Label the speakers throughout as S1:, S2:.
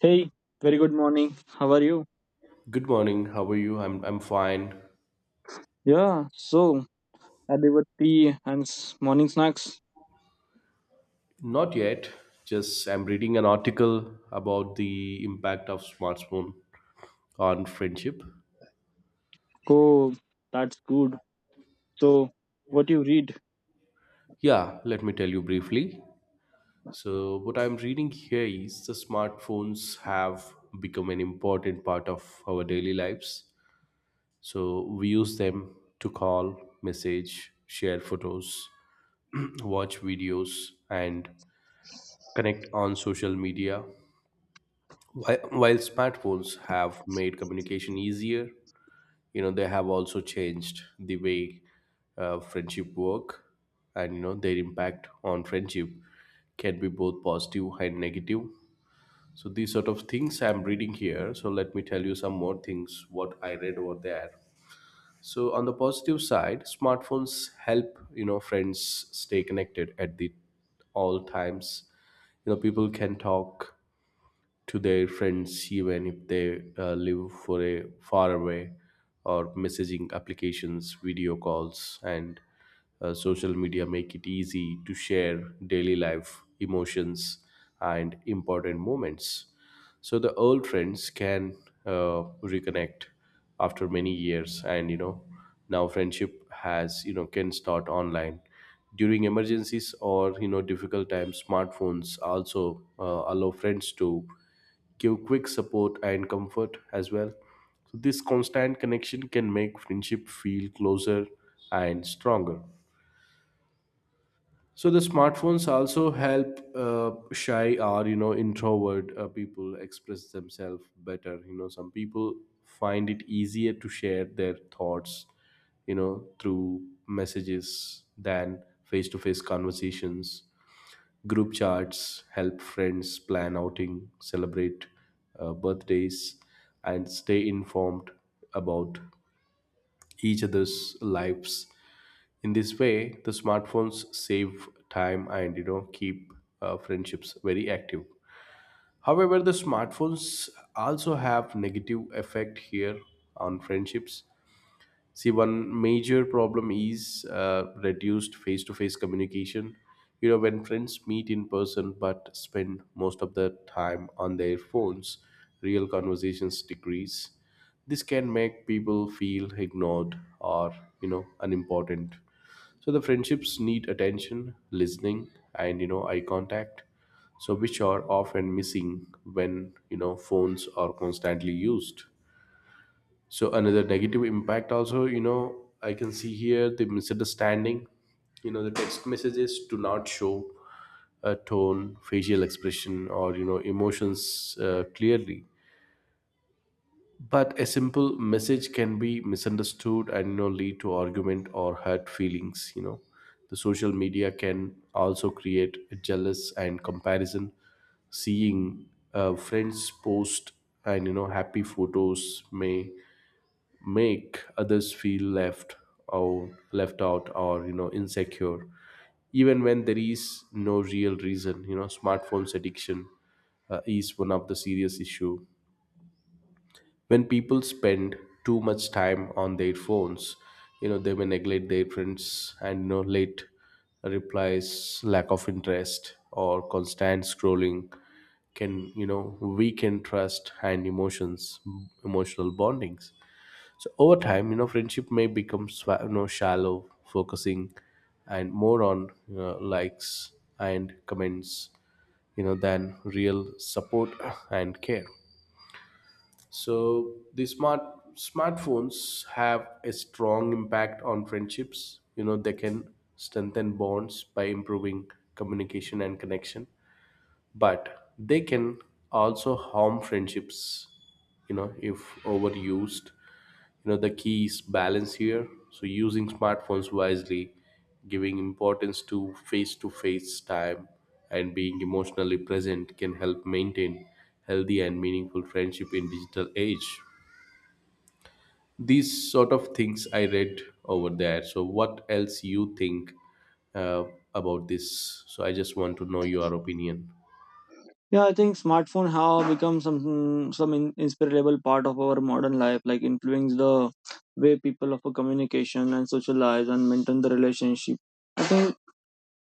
S1: Hey, very good morning. How are you?
S2: Good morning. How are you? I'm fine.
S1: Yeah, so had your tea and morning snacks.
S2: Not yet. Just I'm reading an article about the impact of smartphone on friendship.
S1: Oh, that's good. So, what you read?
S2: Yeah, let me tell you briefly. So what I'm reading here is the smartphones have become an important part of our daily lives. So we use them to call, message, share photos, watch videos and connect on social media. While smartphones have made communication easier, you know, they have also changed the way friendship work, and, you know, their impact on friendship can be both positive and negative. So these sort of things I'm reading here. So let me tell you some more things what I read over there. So on the positive side, smartphones help, you know, friends stay connected at the all times. You know, people can talk to their friends even if they live for a far away, or messaging applications, video calls, and social media make it easy to share daily life emotions and important moments. So the old friends can uh, reconnect after many years, and you know, now friendship has, you know, can start online. During emergencies or, you know, difficult times, smartphones also allow friends to give quick support and comfort as well. So this constant connection can make friendship feel closer and stronger. So the smartphones also help shy or, you know, introvert people express themselves better. You know, some people find it easier to share their thoughts, you know, through messages than face-to-face conversations. Group chats help friends plan outing, celebrate birthdays, and stay informed about each other's lives. In this way, the smartphones save time and, you know, keep friendships very active. However, the smartphones also have negative effect here on friendships. See, one major problem is reduced face-to-face communication. You know, when friends meet in person but spend most of their time on their phones, real conversations decrease. This can make people feel ignored or, you know, unimportant. So the friendships need attention, listening, and, you know, eye contact. So which are often missing when, you know, phones are constantly used. So another negative impact also, you know, I can see here the misunderstanding. You know, the text messages do not show a tone, facial expression, or, you know, emotions clearly. But a simple message can be misunderstood and, you know, lead to argument or hurt feelings, you know. The social media can also create jealous and comparison. Seeing friends post and, you know, happy photos may make others feel left, or left out, or, you know, insecure even when there is no real reason. You know, smartphones addiction is one of the serious issue. When people spend too much time on their phones, you know, they may neglect their friends and, you know, late replies, lack of interest, or constant scrolling can, you know, weaken trust and emotions, emotional bondings. So over time, you know, friendship may become you know, shallow, focusing and more on, you know, likes and comments, you know, than real support and care. So the smartphones have a strong impact on friendships. You know, they can strengthen bonds by improving communication and connection, but they can also harm friendships, you know, if overused. You know, the key is balance here. So using smartphones wisely, giving importance to face time, and being emotionally present can help maintain healthy and meaningful friendship in digital age. These sort of things I read over there. So what else you think uh, about this? So I just want to know your opinion.
S1: Yeah, I think smartphone have become some inseparable part of our modern life, like influence the way people of a communication and socialize and maintain the relationship. I think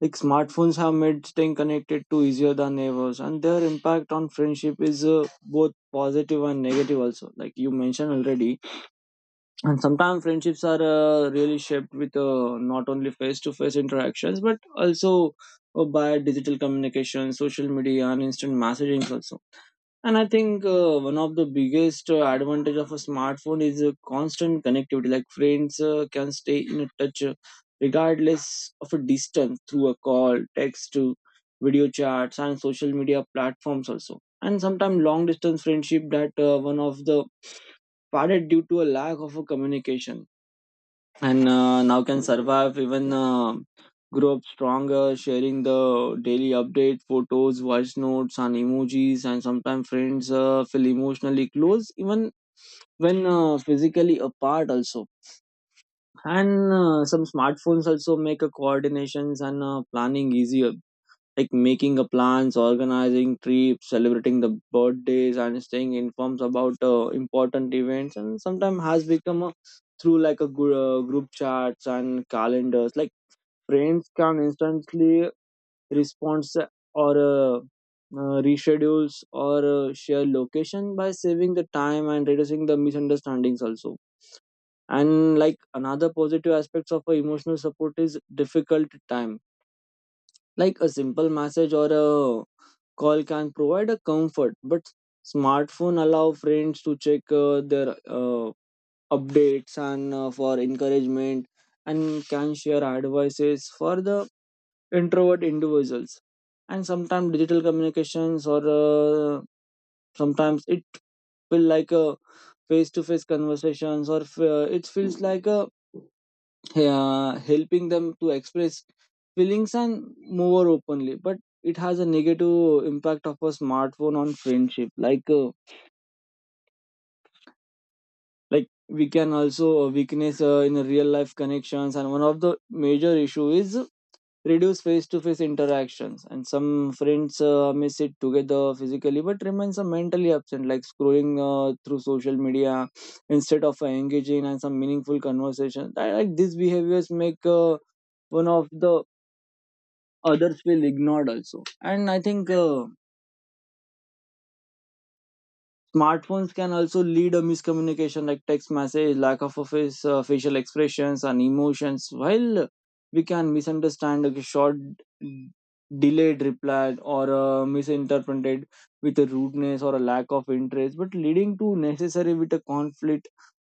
S1: like smartphones have made staying connected to easier than ever, and their impact on friendship is both positive and negative also. Like you mentioned already, and sometimes friendships are really shaped with not only face-to-face interactions but also by digital communication social media and instant messaging also. And I think one of the biggest advantage of a smartphone is constant connectivity, like friends can stay in touch, regardless of a distance through a call text, video chats and social media platforms also. And sometimes long distance friendship that one of the parted due to a lack of a communication and now can survive even grow up stronger sharing the daily update photos voice notes and emojis. And sometimes friends feel emotionally close even when physically apart also. And some smartphones also make a coordinations and planning easier, like making a plans, organizing trips, celebrating the birthdays, and staying informed about important events, and sometimes has become a, through like a group chats and calendars. Like friends can instantly respond or reschedules or share location by saving the time and reducing the misunderstandings also. And like another positive aspects of a emotional support is difficult time, like a simple message or a call can provide a comfort, but smartphone allow friends to check their updates and for encouragement and can share advices for the introvert individuals. And sometimes digital communications or sometimes it feel like a face-to-face conversations or it feels like a helping them to express feelings and more openly, but it has a negative impact of a smartphone on friendship, like we can also weakness in real life connections. And one of the major issue is reduce face to face interactions, and some friends may sit together physically but remains mentally absent, like scrolling through social media instead of engaging in some meaningful conversation I, like these behaviors make one of the others feel ignored also. And I think smartphones can also lead a miscommunication, like text message lack of a facial expressions and emotions while we can misunderstand a short delayed reply or misinterpreted with a rudeness or a lack of interest, but leading to necessary with a conflict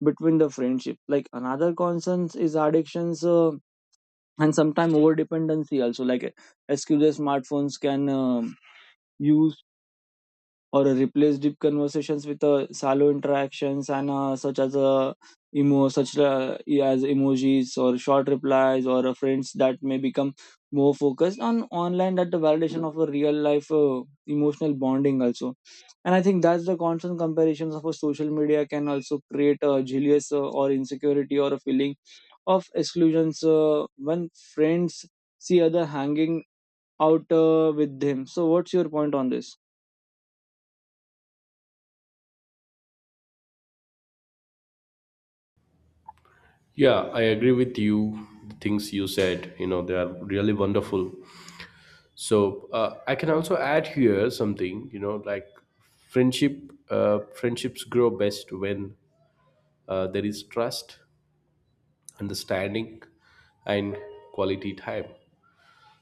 S1: between the friendship. Like another concerns is addictions, and sometimes over dependency also, like excuse smartphones can use or replace deep conversations with shallow interactions and such as emo such as emojis or short replies, or friends that may become more focused on online that the validation of a real life emotional bonding also. And I think that's the constant comparisons of a social media can also create a jealous or insecurity or a feeling of exclusions when friends see other hanging out with them. So what's your point on this?
S2: Yeah, I agree with you. The things you said, you know, they are really wonderful. So I can also add here something, you know, like friendship. Friendships grow best when there is trust, understanding, and quality time.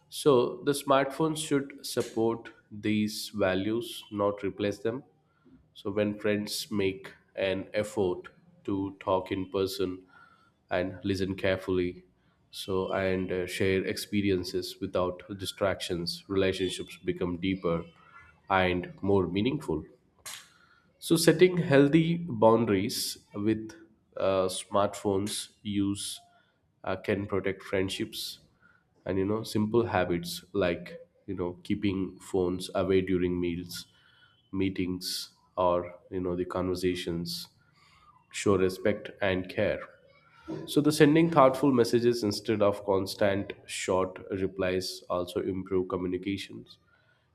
S2: So the smartphones should support these values, not replace them. So when friends make an effort to talk in person and listen carefully, so and share experiences without distractions, relationships become deeper and more meaningful. So, setting healthy boundaries with smartphones use can protect friendships, and you know, simple habits like, you know, keeping phones away during meals, meetings, or, you know, the conversations show respect and care. So the sending thoughtful messages instead of constant short replies also improve communications.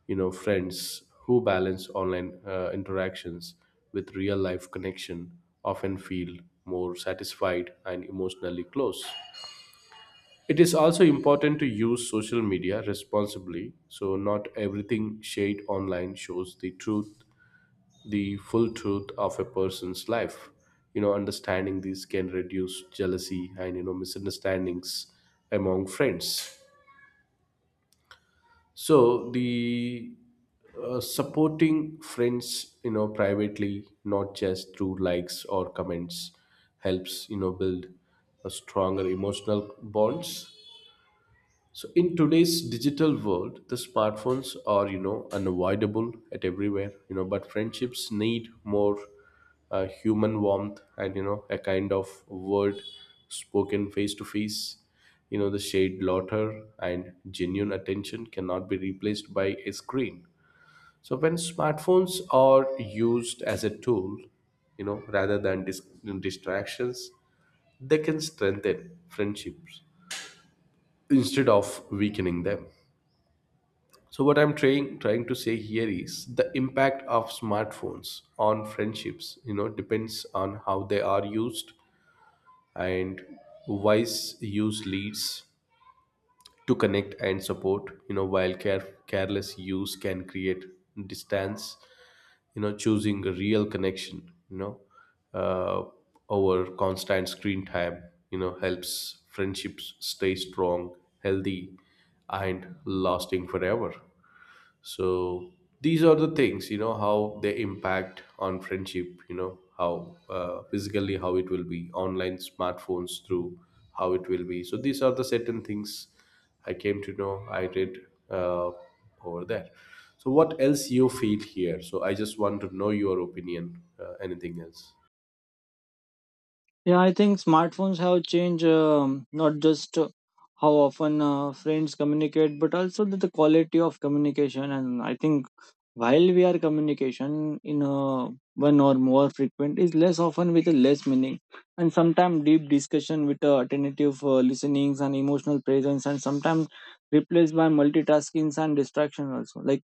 S2: You know, friends who balance online interactions with real life connection often feel more satisfied and emotionally close. It is also important to use social media responsibly, so not everything shared online shows the truth, the full truth of a person's life. You know, understanding these can reduce jealousy and, you know, misunderstandings among friends. So the supporting friends, you know, privately, not just through likes or comments, helps, you know, build a stronger emotional bonds. So in today's digital world, the smartphones are, you know, unavoidable at everywhere. You know, but friendships need more human warmth and, you know, a kind of word spoken face to face. You know, the shade laughter and genuine attention cannot be replaced by a screen. So when smartphones are used as a tool, you know, rather than distractions, they can strengthen friendships instead of weakening them. So what I'm trying to say here is the impact of smartphones on friendships, you know, depends on how they are used. And wise use leads to connect and support, you know, while careless use can create distance, you know. Choosing a real connection, you know, uh, over constant screen time, you know, helps friendships stay strong, healthy, and lasting forever. So these are the things, you know, how they impact on friendship, you know, how physically, how it will be online, smartphones through, how it will be. So these are the certain things I came to know, I read uh, over there. So what else you feel here? So I just want to know your opinion, anything else?
S1: Yeah, I think smartphones have changed not just how often friends communicate, but also the quality of communication. And I think while we are communication in one or more frequent is less often with a less meaning, and sometimes deep discussion with attentive listenings and emotional presence, and sometimes replaced by multitaskings and distraction also. Like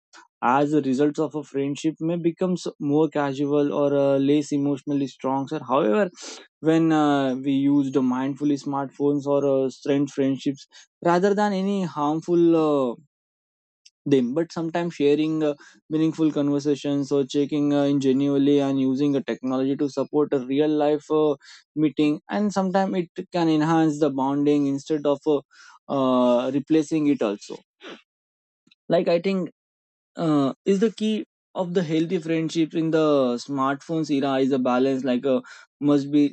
S1: as the results of a friendship may becomes more casual or less emotionally strong sir. However, when we used mindfully smartphones or strength friendships rather than any harmful them, but sometimes sharing meaningful conversations or checking in genuinely and using a technology to support a real life meeting, and sometimes it can enhance the bonding instead of replacing it also. Like I think is the key of the healthy friendships in the smartphones era is a balance, like a must be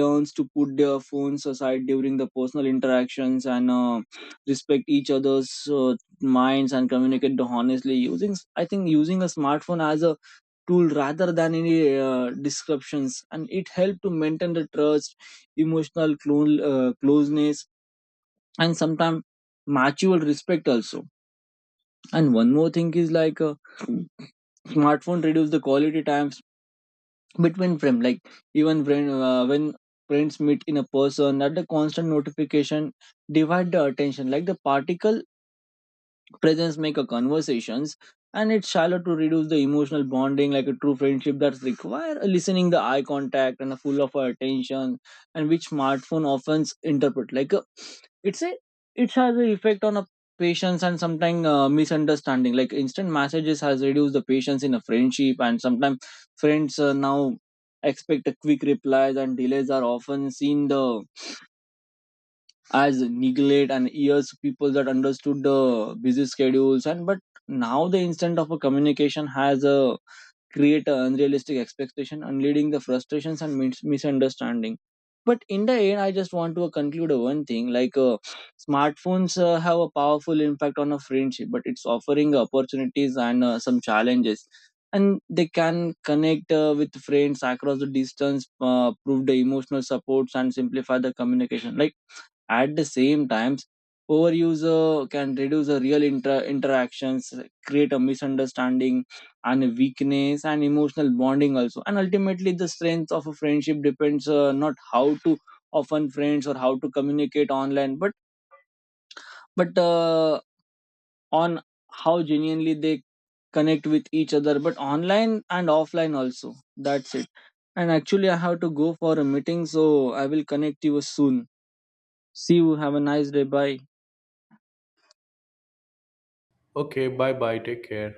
S1: learns to put their phones aside during the personal interactions and respect each other's minds and communicate the honestly using I think using a smartphone as a tool rather than any descriptions, and it helped to maintain the trust emotional closeness and sometimes mutual respect also. And one more thing is like smartphone reduce the quality times between friends. Like even when friends meet in a person, that the constant notification divide the attention. Like the particle presence make a conversations, and it's shallow to reduce the emotional bonding, like a true friendship that's require a listening the eye contact and a full of our attention, and which smartphone often interpret like a, it's a it has an effect on a patience and sometimes misunderstanding, like instant messages has reduced the patience in a friendship. And sometimes friends now expect a quick replies and delays are often seen the as neglect, and years people that understood the busy schedules and but now the instant of a communication has a create a unrealistic expectation and leading the frustrations and misunderstanding. But in the end, I just want to conclude one thing, like smartphones have a powerful impact on a friendship, but it's offering opportunities and some challenges, and they can connect with friends across the distance, prove the emotional supports and simplify the communication. Like at the same times, overuse can reduce the real interactions, create a misunderstanding and a weakness and emotional bonding also. And ultimately, the strength of a friendship depends, not how to often friends or how to communicate online, but but uh, on how genuinely they connect with each other. But online and offline also. That's it. And actually, I have to go for a meeting, so I will connect you soon. See you. Have a nice day. Bye.
S2: Okay, bye bye, take care.